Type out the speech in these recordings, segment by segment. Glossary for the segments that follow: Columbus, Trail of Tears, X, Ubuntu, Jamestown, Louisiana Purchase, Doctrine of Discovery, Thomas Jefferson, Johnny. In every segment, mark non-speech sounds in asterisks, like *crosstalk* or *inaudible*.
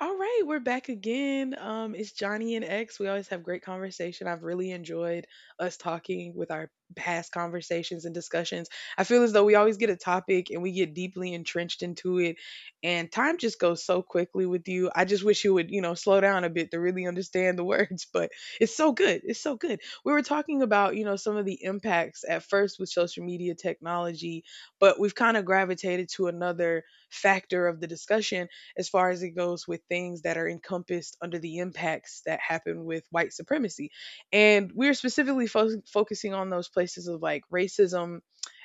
All right, we're back again. It's Johnny and X. We always have great conversation. I've really enjoyed us talking with our past conversations and discussions. I feel as though we always get a topic and we get deeply entrenched into it, and time just goes so quickly with you. I just wish you would, you know, slow down a bit to really understand the *laughs* words, but it's so good. It's so good. We were talking about, you know, some of the impacts at first with social media technology, but we've kind of gravitated to another factor of the discussion as far as it goes with things that are encompassed under the impacts that happen with white supremacy. And we're specifically focusing on those places of like racism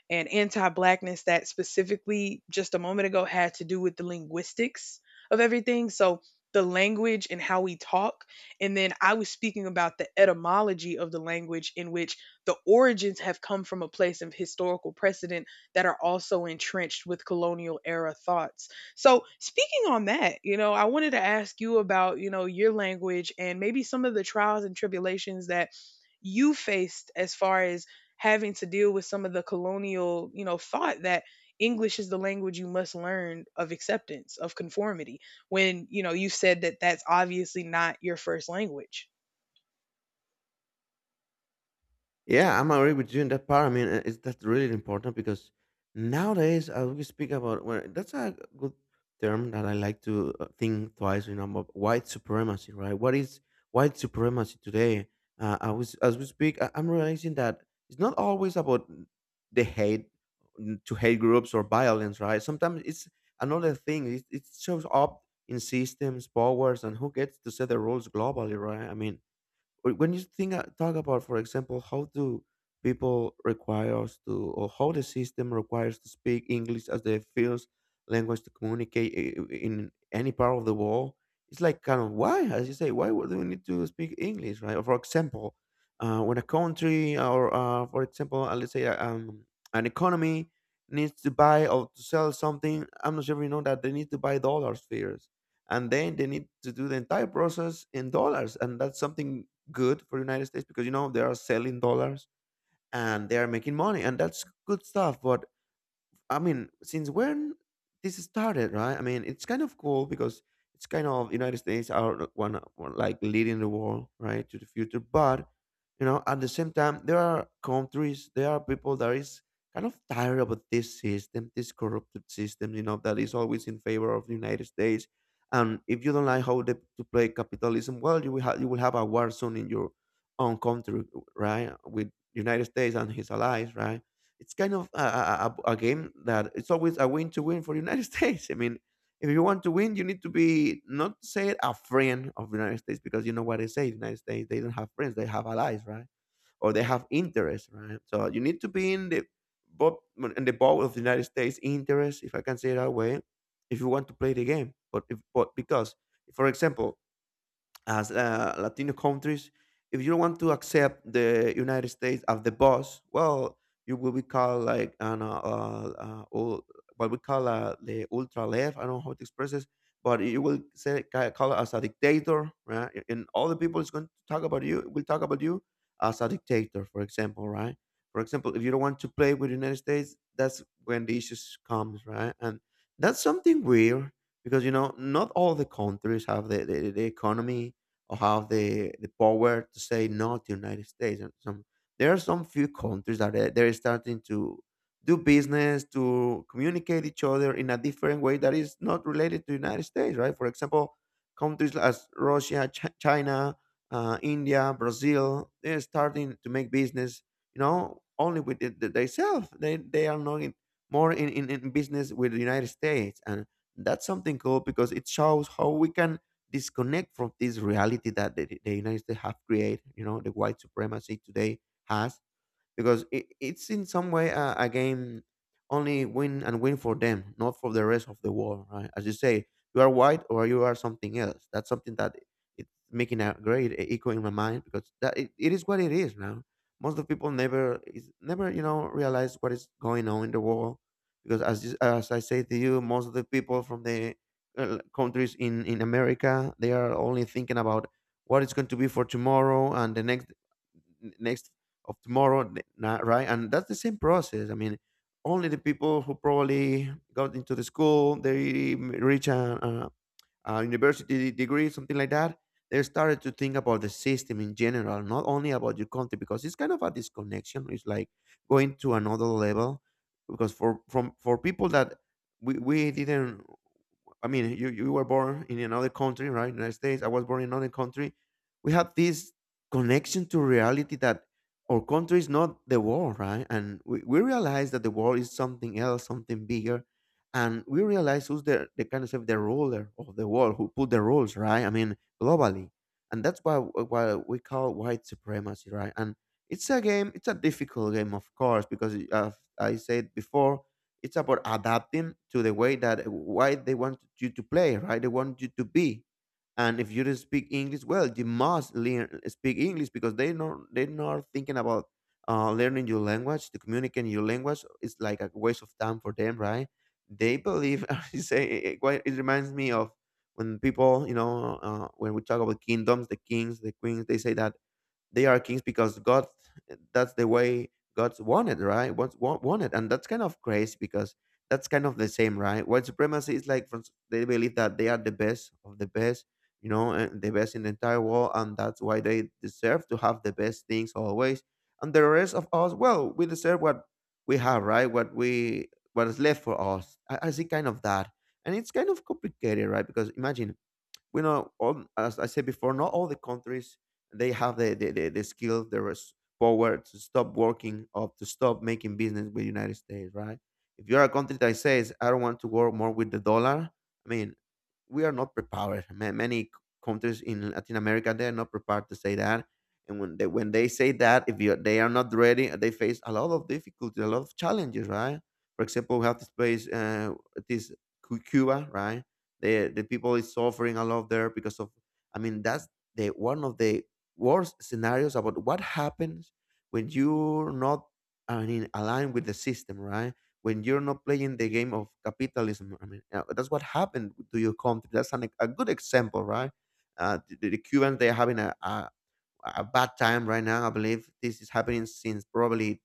and anti-blackness that specifically just a moment ago had to do with the linguistics of everything. So the language and how we talk. And then I was speaking about the etymology of the language, in which the origins have come from a place of historical precedent that are also entrenched with colonial era thoughts. So, speaking on that, you know, I wanted to ask you about, you know, your language and maybe some of the trials and tribulations that you faced as far as having to deal with some of the colonial, you know, thought that English is the language you must learn of acceptance, of conformity, when, you know, you said that that's obviously not your first language. Yeah, I'm agree with you in that part. I mean, is that really important because nowadays we speak about well, that's a good term that I like to think twice. You know, about white supremacy, right? What is white supremacy today? I was as we speak, I'm realizing that it's not always about the hate to hate groups or violence, right? Sometimes it's another thing. It shows up in systems, powers, and who gets to set the rules globally, right? I mean, when you think talk about for example how do people require us to or how the system requires to speak English as the first language to communicate in any part of the world. It's like kind of why as you say why would we need to speak English, right? Or for example when a country or for example let's say an economy needs to buy or to sell something. I'm not sure if you know that they need to buy dollars first, and then they need to do the entire process in dollars, and that's something good for the United States because you know they are selling dollars and they are making money, and that's good stuff. But I mean, since when this started, right? I mean, it's kind of cool because it's kind of United States are one like leading the world, right, to the future. But you know, at the same time, there are countries, there are people that is kind of tired about this system, this corrupted system, you know, that is always in favor of the United States. And if you don't like how they, to play capitalism, well, you will have a war zone in your own country, right, with United States and his allies, right? It's kind of a game that it's always a win to win for the United *laughs* States. I mean, if you want to win, you need to be not say it, a friend of the United States because you know what they say: the United States they don't have friends, they have allies, right? Or they have interests, right? So you need to be in the boat of the United States interest, if I can say it that way, if you want to play the game. But if but because, for example, as Latino countries, if you want to accept the United States as the boss, well, you will be called like what we call the ultra left. I don't know how to express this, but you will say call us a dictator, right? And all the people is going to talk about you. Will talk about you as a dictator, for example, right? For example, if you don't want to play with the United States, that's when the issues comes, right? And that's something weird because you know not all the countries have the economy or have the power to say no to United States. And some there are some few countries that are, they're starting to do business to communicate each other in a different way that is not related to United States, right? For example, countries as Russia, China, India, Brazil, they're starting to make business, you know, only with themselves. They are not in, more in business with the United States, and that's something cool because it shows how we can disconnect from this reality that the United States have created, you know, the white supremacy today has because it's in some way a game only win and win for them, not for the rest of the world, right? As you say, you are white or you are something else. That's something that it's making a great echo in my mind because that it is what it is now. Most of people never is never you know realize what is going on in the world because as you, as I say to you, most of the people from the countries in America they are only thinking about what it's going to be for tomorrow and the next of tomorrow, right? And that's the same process. I mean, only the people who probably got into the school, they reach a university degree, something like that. They started to think about the system in general, not only about your country, because it's kind of a disconnection. It's like going to another level, because for people that we didn't I mean, you were born in another country, right? United States. I was born in another country. We have this connection to reality that our country is not the world, right? And we realize that the world is something else, something bigger. And we realize who's the kind of say, the ruler of the world, who put the rules, right? I mean, globally. And that's why we call white supremacy, right? And it's a game, it's a difficult game, of course, because I said before, it's about adapting to the way that why they want you to play, right? They want you to be. And if you don't speak English, well, you must learn speak English because they're not thinking about learning your language, to communicate your language. It's like a waste of time for them, right? They believe. *laughs* I say it, it reminds me of when people, you know, when we talk about kingdoms, the kings, the queens, they say that they are kings because God that's the way God's wanted, right? Wanted, and that's kind of crazy because that's kind of the same, right? White supremacy is like from, they believe that they are the best of the best, you know, and the best in the entire world, and that's why they deserve to have the best things always. And the rest of us, well, we deserve what we have, right? What we what is left for us. I see kind of that, and it's kind of complicated, right? Because imagine we know all as I said before not all the countries they have the skill power to stop working or to stop making business with United States, right? If you're a country that says I don't want to work more with the dollar, I mean, we are not prepared. Many countries in Latin America they're not prepared to say that. And when they say that if you they are not ready they face a lot of difficulties, a lot of challenges, right? For example, we have this place this Cuba, right? The people is suffering a lot there because of I mean that's the one of the worst scenarios about what happens when you're not I mean aligned with the system, right? When you're not playing the game of capitalism, I mean that's what happened to your country, that's a good example, right? The Cubans they're having a bad time right now. I believe this is happening since probably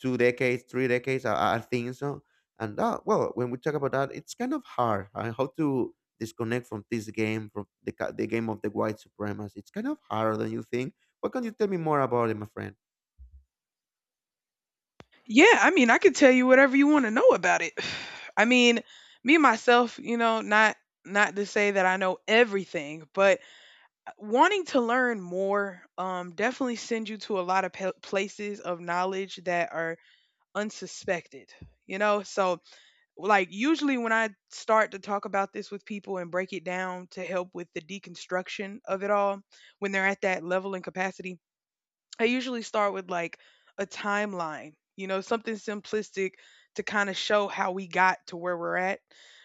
2 decades, 3 decades. I think so. And that, well, when we talk about that, it's kind of hard. How to disconnect from this game, from the game of the white supremacists. It's kind of harder than you think. What can you tell me more about it, my friend? Yeah, I mean, I could tell you whatever you want to know about it. *sighs* I mean, me myself, you know, not to say that I know everything, but wanting to learn more definitely sends you to a lot of places of knowledge that are unsuspected. You know, so like usually when I start to talk about this with people and break it down to help with the deconstruction of it all when they're at that level and capacity I usually start with like a timeline, you know, something simplistic to kind of show how we got to where we're at.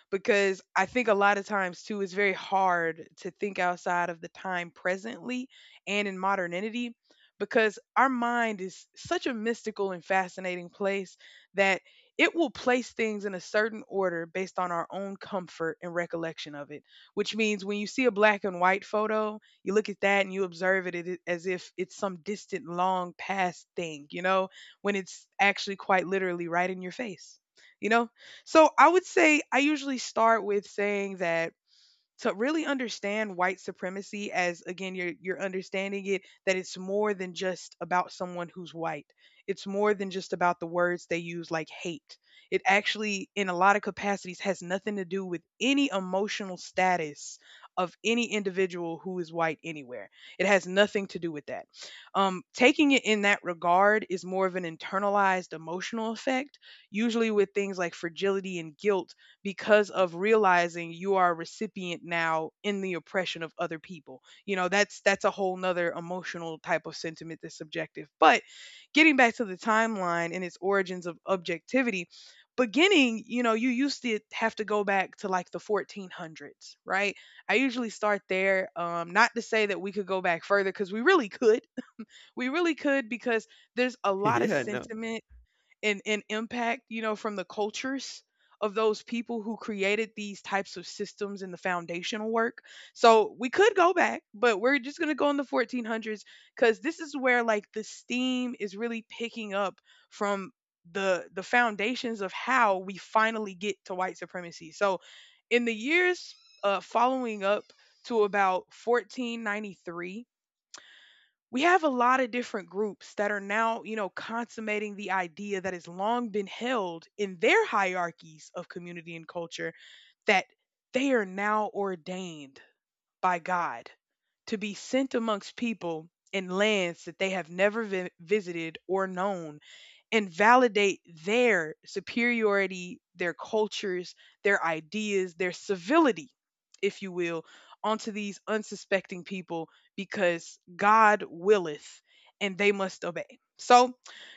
Because I think a lot of times too, it's very hard to think outside of the time presently and in modernity because our mind is such a mystical and fascinating place that it will place things in a certain order based on our own comfort and recollection of it. Which means when you see a black and white photo, you look at that and you observe it as if it's some distant, long past thing, you know, when it's actually quite literally right in your face, you know? So I would say I usually start with saying that to really understand white supremacy as again you're understanding it that it's more than just about someone who's white, it's more than just about the words they use like hate. It actually in a lot of capacities has nothing to do with any emotional status of any individual who is white anywhere. It has nothing to do with that. Taking it in that regard is more of an internalized emotional effect usually with things like fragility and guilt because of realizing you are a recipient now in the oppression of other people. You know, that's a whole nother emotional type of sentiment that's subjective. But getting back to the timeline and its origins of objectivity, beginning, you know, you used to have to go back to like the 1400s, right? I usually start there. Not to say that we could go back further because we really could. *laughs* We really could because there's a *laughs* lot of Yeah, no. sentiment and, impact, you know, from the cultures of those people who created these types of systems and the foundational work. So we could go back, but we're just going to go in the 1400s because this is where like the steam is really picking up from the foundations of how we finally get to white supremacy. So in the years following up to about 1493, we have a lot of different groups that are now, you know, consummating the idea that has long been held in their hierarchies of community and culture, that they are now ordained by God to be sent amongst people in lands that they have never visited or known, and validate their superiority, their cultures, their ideas, their civility, if you will, onto these unsuspecting people because God willeth and they must obey. So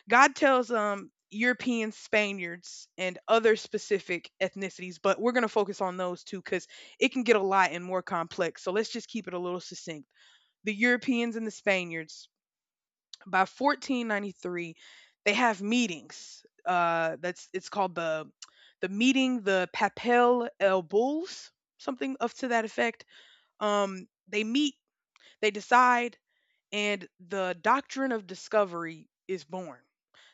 God tells European Spaniards and other specific ethnicities, but we're going to focus on those two because it can get a lot and more complex. So let's just keep it a little succinct. The Europeans and the Spaniards, by 1493 they have meetings, that's, it's called the meeting, the papel el bulls, something of to that effect. They meet, they decide, and the doctrine of discovery is born.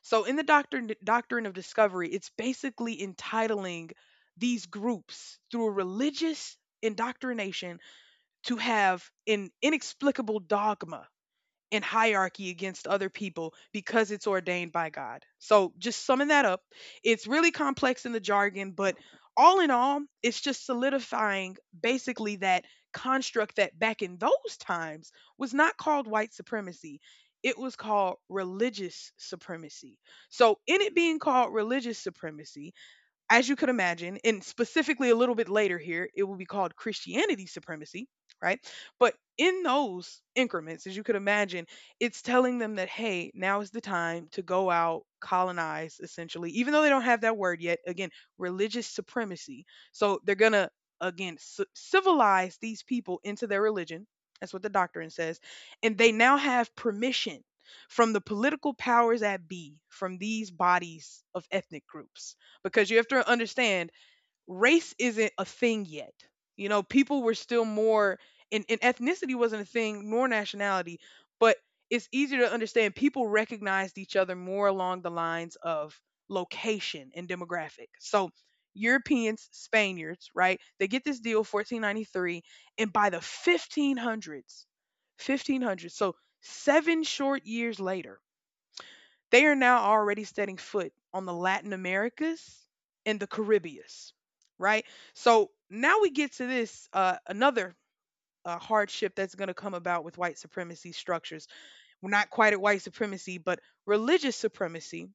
So in the doctrine of discovery, it's basically entitling these groups through a religious indoctrination to have an inexplicable dogma and hierarchy against other people because it's ordained by God. So, just summing that up, it's really complex in the jargon, but all in all, it's just solidifying basically that construct that back in those times was not called white supremacy. It was called religious supremacy. So, in it being called religious supremacy, as you could imagine, and specifically a little bit later here, it will be called Christianity supremacy, right? But in those increments, as you could imagine, it's telling them that, hey, now is the time to go out, colonize, essentially, even though they don't have that word yet. Again, religious supremacy. So they're going to, again, civilize these people into their religion. That's what the doctrine says. And they now have permission from the political powers at be, from these bodies of ethnic groups, because you have to understand race isn't a thing yet. You know, people were still more, and ethnicity wasn't a thing nor nationality, but it's easier to understand people recognized each other more along the lines of location and demographic. So Europeans, Spaniards, right? They get this deal 1493, and by the 1500s, 1500s. So 7 short years later they are now already setting foot on the Latin Americas and the Caribbeans, right? So now we get to this another hardship that's going to come about with white supremacy structures. We're not quite at white supremacy, but religious supremacy.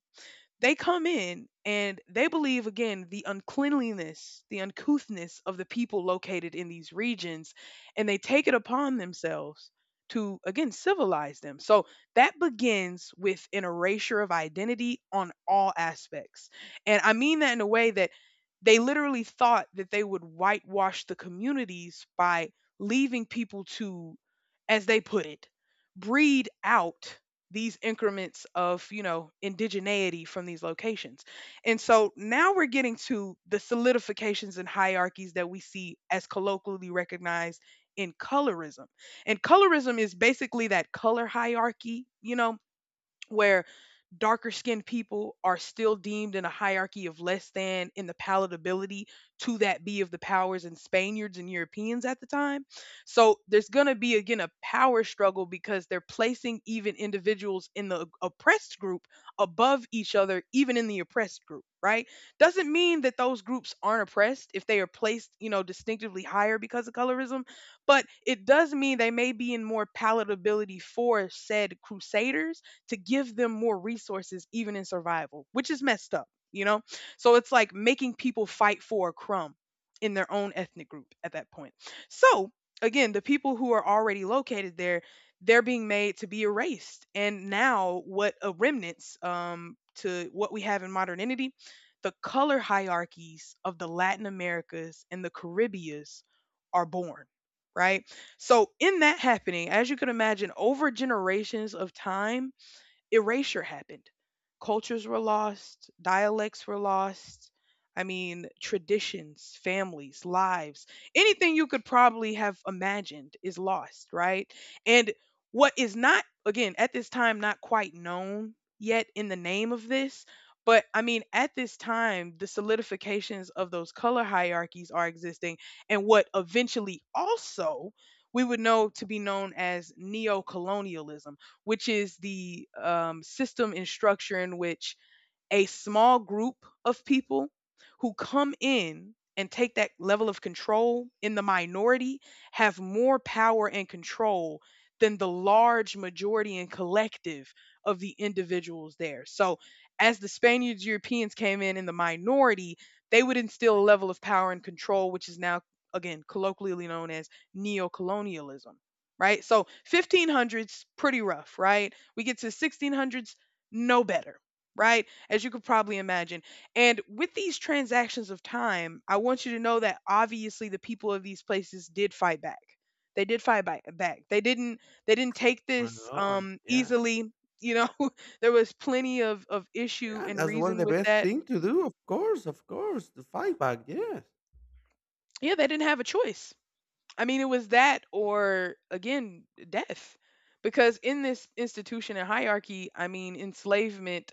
They come in and they believe again the uncleanliness, the uncouthness of the people located in these regions, and they take it upon themselves to again civilize them. So that begins with an erasure of identity on all aspects. And I mean that in a way that they literally thought that they would whitewash the communities by leaving people to, as they put it, breed out these increments of you know indigeneity from these locations. And so now we're getting to the solidifications and hierarchies that we see as colloquially recognized in colorism. And colorism is basically that color hierarchy, you know, where darker skinned people are still deemed in a hierarchy of less than in the palatability to that be of the powers and Spaniards and Europeans at the time. So there's going to be again a power struggle because they're placing even individuals in the oppressed group above each other even in the oppressed group, right? Doesn't mean that those groups aren't oppressed if they are placed, you know, distinctively higher because of colorism, but it does mean they may be in more palatability for said crusaders to give them more resources, even in survival, which is messed up, you know? So it's like making people fight for a crumb in their own ethnic group at that point. So again, the people who are already located there, they're being made to be erased. And now, what a remnants to what we have in modernity, the color hierarchies of the Latin Americas and the Caribbeas are born, right? So, in that happening, as you can imagine, over generations of time, erasure happened. Cultures were lost, dialects were lost. I mean, traditions, families, lives, anything you could probably have imagined is lost, right? And what is not, again, at this time, not quite known yet in the name of this, but I mean, at this time, the solidifications of those color hierarchies are existing. And what eventually also we would know to be known as neo colonialism, which is the system and structure in which a small group of people who come in and take that level of control in the minority have more power and control than the large majority and collective of the individuals there. So, as the Spaniards, Europeans came in the minority, they would instill a level of power and control, which is now, again, colloquially known as neocolonialism, right? So, 1500s, pretty rough, right? We get to 1600s, no better, right? As you could probably imagine. And with these transactions of time, I want you to know that obviously the people of these places did fight back. They did fight back. They didn't take Well, this no, yeah, easily, you know. *laughs* There was plenty of issue yeah. and That's one of reason the with best that. thing to do. Of course, to fight back. Yes. Yeah, they didn't have a choice. I mean, it was that or, again, death. Because in this institution and hierarchy, I mean, enslavement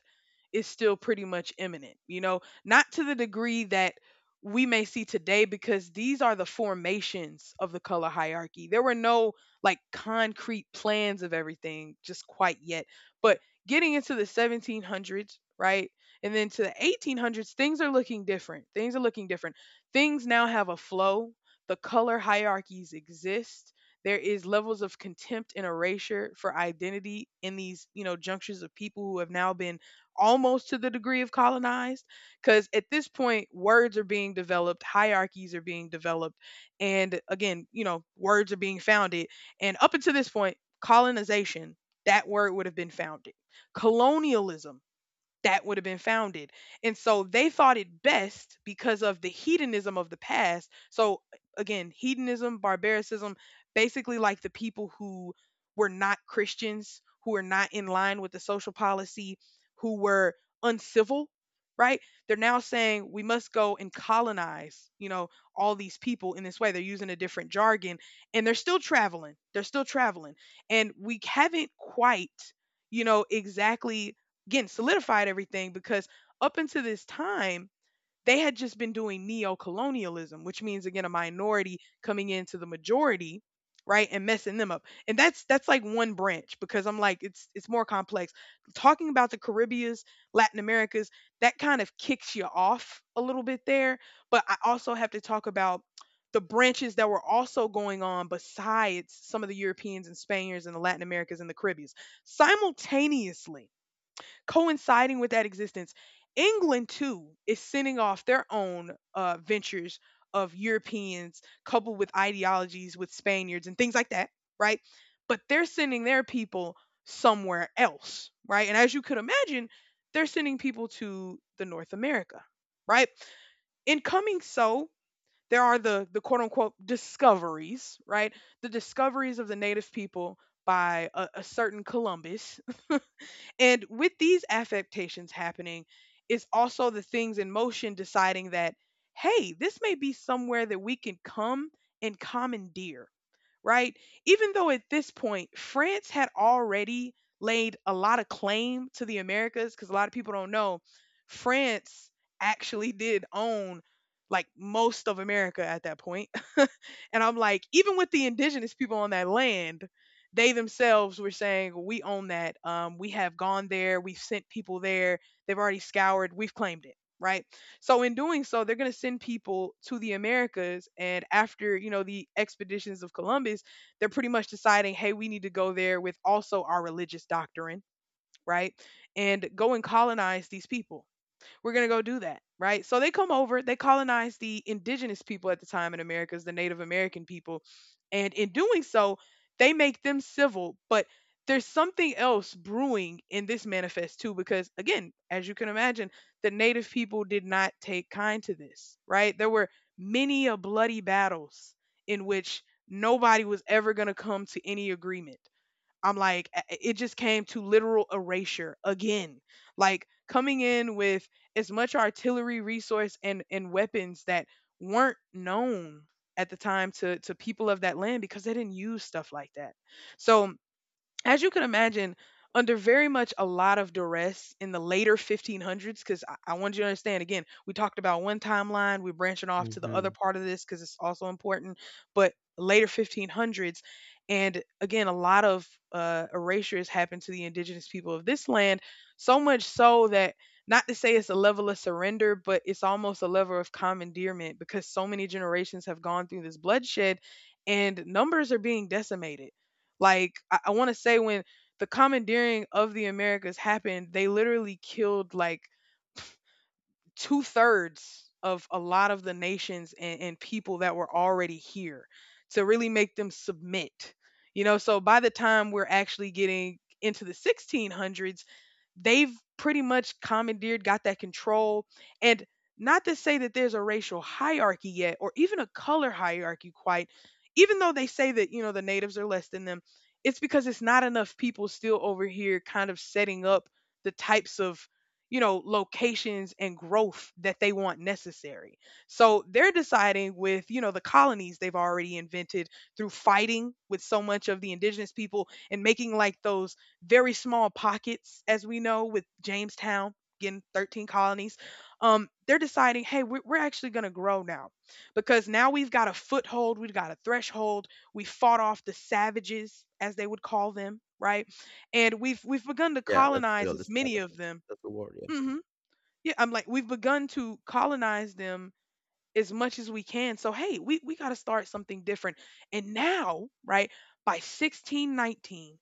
is still pretty much imminent, you know, not to the degree that we may see today, because these are the formations of the color hierarchy. There were no like concrete plans of everything just quite yet. But getting into the 1700s, right? And then to the 1800s, things are looking different. Things are looking different. Things now have a flow. The color hierarchies exist. There is levels of contempt and erasure for identity in these, you know, junctures of people who have now been almost to the degree of colonized, because at this point words are being developed, hierarchies are being developed, and, again, you know, words are being founded. And up until this point, colonization, that word would have been founded. Colonialism, that would have been founded. And so they thought it best because of the hedonism of the past. So, again, hedonism, barbaricism, basically like the people who were not Christians, who were not in line with the social policy, who were uncivil, right? They're now saying we must go and colonize, you know, all these people in this way. They're using a different jargon, and they're still traveling. They're still traveling. And we haven't quite, you know, exactly, again, solidified everything, because up until this time they had just been doing neo-colonialism, which means, again, a minority coming into the majority, right, and messing them up. And that's like one branch, because I'm like, it's more complex. Talking about the Caribbeans, Latin Americas, that kind of kicks you off a little bit there, but I also have to talk about the branches that were also going on besides some of the Europeans and Spaniards and the Latin Americas and the Caribbeans. Simultaneously coinciding with that existence, England too is sending off their own ventures of Europeans coupled with ideologies with Spaniards and things like that, right? But they're sending their people somewhere else, right? And as you could imagine, they're sending people to the North America, right? In coming so, there are the quote unquote discoveries, right? The discoveries of the native people by a certain Columbus, and with these affectations happening, it's also the things in motion deciding that, hey, this may be somewhere that we can come and commandeer, right? Even though at this point, France had already laid a lot of claim to the Americas, because a lot of people don't know, France actually did own like most of America at that point. *laughs* And I'm like, even with the indigenous people on that land, they themselves were saying, "We own that. We have gone there. We've sent people there. They've already scoured. We've claimed it." Right. So in doing so, they're going to send people to the Americas, and after, you know, the expeditions of Columbus, they're pretty much deciding, "Hey, we need to go there with also our religious doctrine." Right. And go and colonize these people. We're going to go do that, right? So they come over, they colonize the indigenous people, at the time in America, is the Native American people. And in doing so, they make them civil, but there's something else brewing in this manifest too, because, again, as you can imagine, the native people did not take kind to this, right? There were many a bloody battles in which nobody was ever going to come to any agreement. I'm like, it just came to literal erasure again. Like coming in with as much artillery, resource, and weapons that weren't known at the time to people of that land, because they didn't use stuff like that. So, as you can imagine, under very much a lot of duress in the later 1500s, because I want you to understand, again, we talked about one timeline, we're branching off to the other Hmm. part of this because it's also important, but later 1500s. And, again, a lot of erasures happened to the indigenous people of this land, so much so that, not to say it's a level of surrender, but it's almost a level of commandeerment, because so many generations have gone through this bloodshed, and numbers are being decimated. Like I want to say, when the commandeering of the Americas happened, they literally killed like two-thirds of a lot of the nations and people that were already here to really make them submit. You know, so by the time we're actually getting into the 1600s, they've pretty much commandeered, got that control. And, not to say that there's a racial hierarchy yet or even a color hierarchy quite, even though they say that, you know, the natives are less than them, it's because it's not enough people still over here kind of setting up the types of, you know, locations and growth that they want necessary. So they're deciding with, you know, the colonies they've already invented through fighting with so much of the indigenous people, and making like those very small pockets, as we know with Jamestown, getting 13 colonies. They're deciding, hey, we're actually going to grow now, because now we've got a foothold, we've got a threshold, we fought off the savages, as they would call them, right? And we've begun to Yeah, that's colonize real. The as many of savages. them. That's the word, yeah. Hmm. Yeah, I'm like, we've begun to colonize them as much as we can. So, hey, we got to start something different. And now, right, by 1619,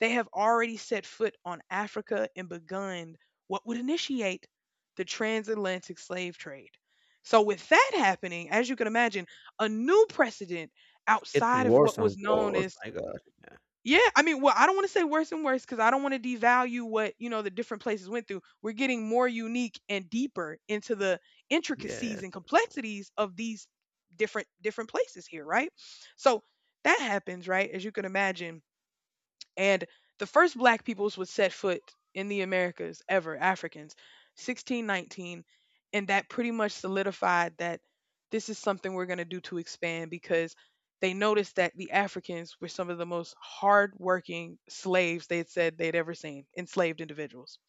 they have already set foot on Africa and begun what would initiate the transatlantic slave trade. So with that happening, as you can imagine, a new precedent It's outside getting of what worse was and known worse, as. my gosh. Yeah. Yeah, I mean, well, I don't want to say worse and worse, because I don't want to devalue what, you know, the different places went through. We're getting more unique and deeper into the intricacies Yes. and complexities of these different places here, right? So that happens, right? As you can imagine, and the first black peoples would set foot in the Americas ever, Africans, 1619, and that pretty much solidified that this is something we're going to do to expand, because they noticed that the Africans were some of the most hardworking slaves they had said they'd ever seen, enslaved individuals.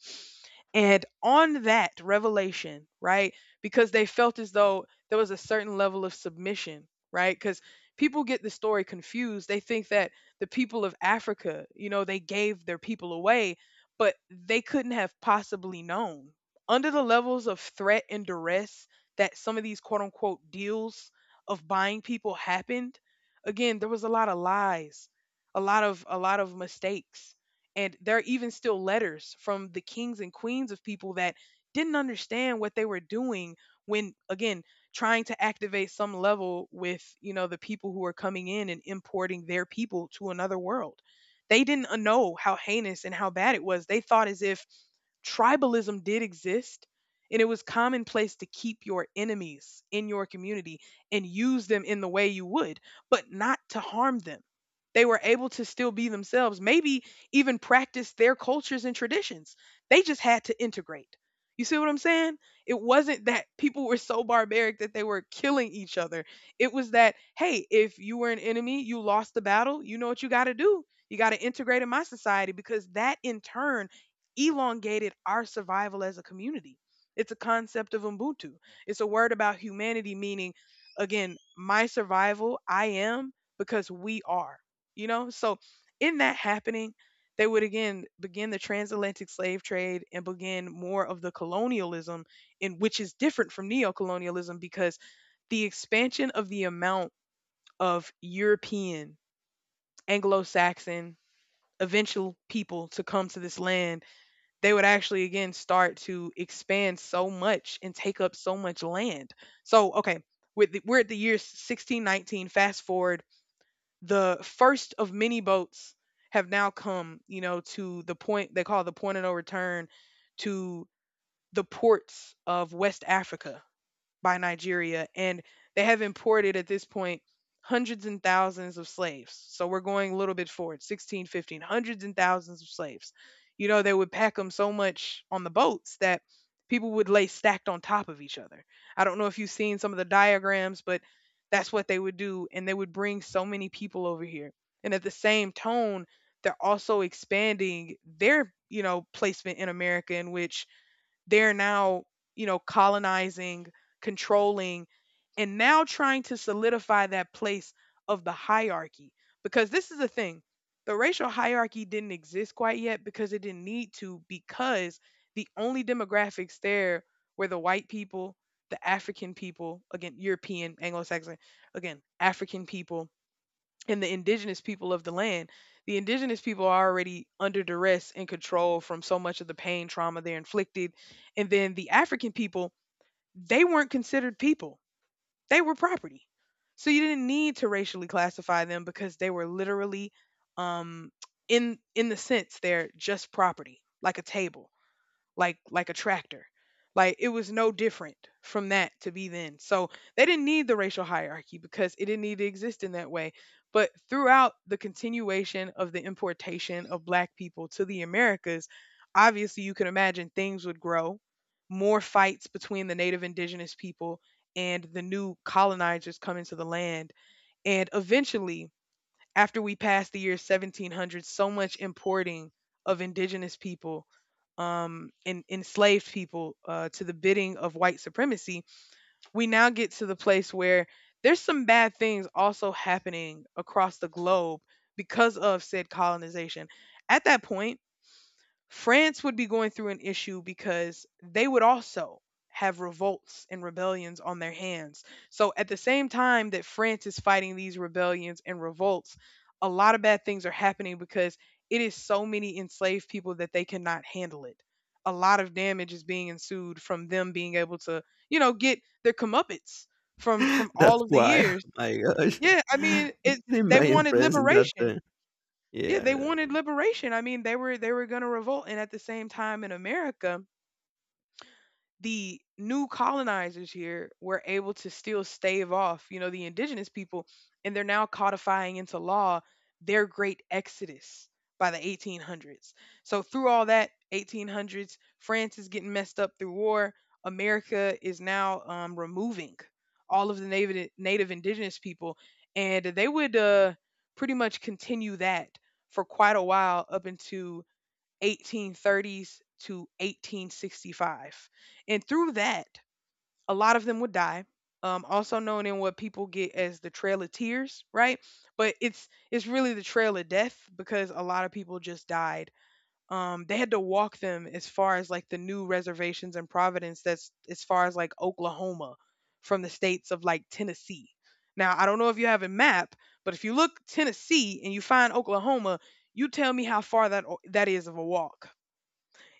And on that revelation, right, because they felt as though there was a certain level of submission, right, because people get the story confused. They think that the people of Africa, you know, they gave their people away, but they couldn't have possibly known. Under the levels of threat and duress that some of these quote unquote deals of buying people happened, again, there was a lot of lies, a lot of mistakes. And there are even still letters from the kings and queens of people that didn't understand what they were doing when, again, trying to activate some level with, you know, the people who are coming in and importing their people to another world. They didn't know how heinous and how bad it was. They thought as if tribalism did exist, and it was commonplace to keep your enemies in your community and use them in the way you would, but not to harm them. They were able to still be themselves, maybe even practice their cultures and traditions. They just had to integrate. You see what I'm saying? It wasn't that people were so barbaric that they were killing each other. It was that, hey, if you were an enemy, you lost the battle, you know what you got to do. You got to integrate in my society, because that in turn elongated our survival as a community. It's a concept of Ubuntu. It's a word about humanity, meaning, again, my survival, I am, because we are, you know? So, in that happening, they would again begin the transatlantic slave trade and begin more of the colonialism, in which is different from neocolonialism, because the expansion of the amount of European, Anglo Saxon, eventual people to come to this land, they would actually again start to expand so much and take up so much land. So, okay, with the, we're at the year 1619. Fast forward, the first of many boats have now come, you know, to the point they call the point of no return, to the ports of West Africa, by Nigeria, and they have imported at this point hundreds and thousands of slaves. So we're going a little bit forward, 16, 15, hundreds and thousands of slaves. You know, they would pack them so much on the boats that people would lay stacked on top of each other. I don't know if you've seen some of the diagrams, but that's what they would do. And they would bring so many people over here. And at the same tone, they're also expanding their, you know, placement in America, in which they're now, you know, colonizing, controlling, and now trying to solidify that place of the hierarchy. Because this is the thing, the racial hierarchy didn't exist quite yet because it didn't need to, because the only demographics there were the white people, the African people, again, European, Anglo Saxon, again, African people and the indigenous people of the land. The indigenous people are already under duress and control from so much of the pain, trauma they're inflicted. And then the African people, they weren't considered people, they were property. So you didn't need to racially classify them because they were literally, um, in the sense, they're just property, like a table, like a tractor. Like it was no different from that to be then. So they didn't need the racial hierarchy because it didn't need to exist in that way. But throughout the continuation of the importation of black people to the Americas, obviously you can imagine things would grow, more fights between the native indigenous people and the new colonizers coming to the land. And eventually after we passed the year 1700, so much importing of indigenous people and enslaved people to the bidding of white supremacy, we now get to the place where there's some bad things also happening across the globe because of said colonization. At that point France would be going through an issue because they would also have revolts and rebellions on their hands. So at the same time that France is fighting these rebellions and revolts, a lot of bad things are happening because it is so many enslaved people that they cannot handle it. A lot of damage is being ensued from them being able to, you know, get their comeuppance from *laughs* from all That's of the why. years. *laughs* My gosh. Yeah, *laughs* I I mean, can it's they imagine wanted friends in that liberation. Yeah, they yeah. wanted liberation. I mean, they were going to revolt, and at the same time in America, the new colonizers here were able to still stave off, you know, the indigenous people, and they're now codifying into law their great exodus by the 1800s. So through all that 1800s, France is getting messed up through war. America is now removing all of the native indigenous people, and they would pretty much continue that for quite a while up into 1830s to 1865. And through that, a lot of them would die. Also known in what people get as the Trail of Tears, right? But it's really the Trail of Death because a lot of people just died. They had to walk them as far as like the new reservations in Providence. That's as far as like Oklahoma, from the states of like Tennessee. Now I don't know if you have a map, but if you look Tennessee and you find Oklahoma, you tell me how far that is of a walk,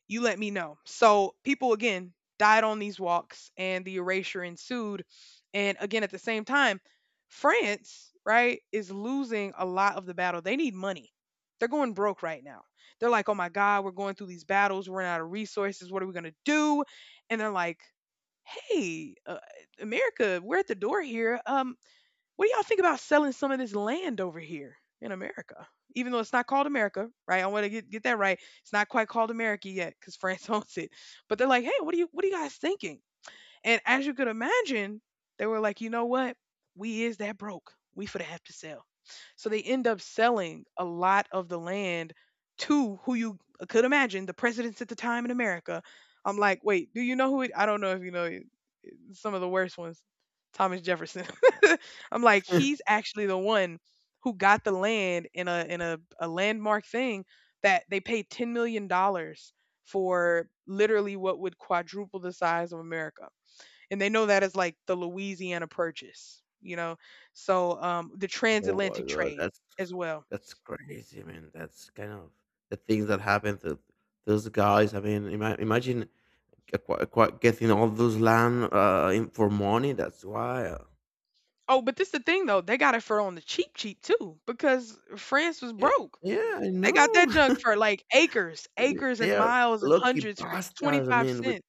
you let me know. So people again died on these walks and the erasure ensued. And again, at the same time, France, right, is losing a lot of the battle. They need money. They're going broke right now. They're like, oh my God, we're going through these battles. We're running out of resources. What are we going to do? And they're like, hey, America, we're at the door here. What do y'all think about selling some of this land over here in America? Even though it's not called America, right? I want to get that right. It's not quite called America yet because France *laughs* owns it. But they're like, hey, what are you guys thinking? And as you could imagine, they were like, you know what? We is that broke. We for to have to sell. So they end up selling a lot of the land to who you could imagine the presidents at the time in America. I'm like, wait, do you know who it? I don't know if you know some of the worst ones. Thomas Jefferson. *laughs* I'm like, *laughs* he's actually the one who got the land in a landmark thing, that they paid $10 million for literally what would quadruple the size of America. And they know that as like the Louisiana Purchase, you know. So the Oh my transatlantic god, trade as well. that's crazy, man. That's kind of the things that happen to those guys. I mean, imagine getting all those land in for money. That's why. Oh, but this the thing though, they got it for on the cheap too, because France was Yeah, broke. yeah, I They got that know. *laughs* junk for, like, acres, I mean, acres and they are miles and lucky hundreds for bastards. I 25 mean, with cents,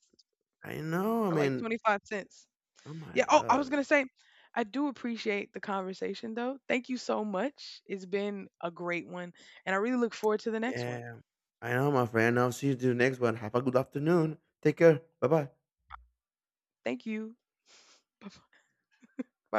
I know. I for, like, mean, 25 cents. Oh my Yeah, oh, I was gonna god. say, I do appreciate the conversation, though. Thank you so much. It's been a great one, and I really look forward to the next one. Yeah. I know, my friend. I'll see you to the next one. Have a good afternoon. Take care. Bye bye. Thank you. Bye.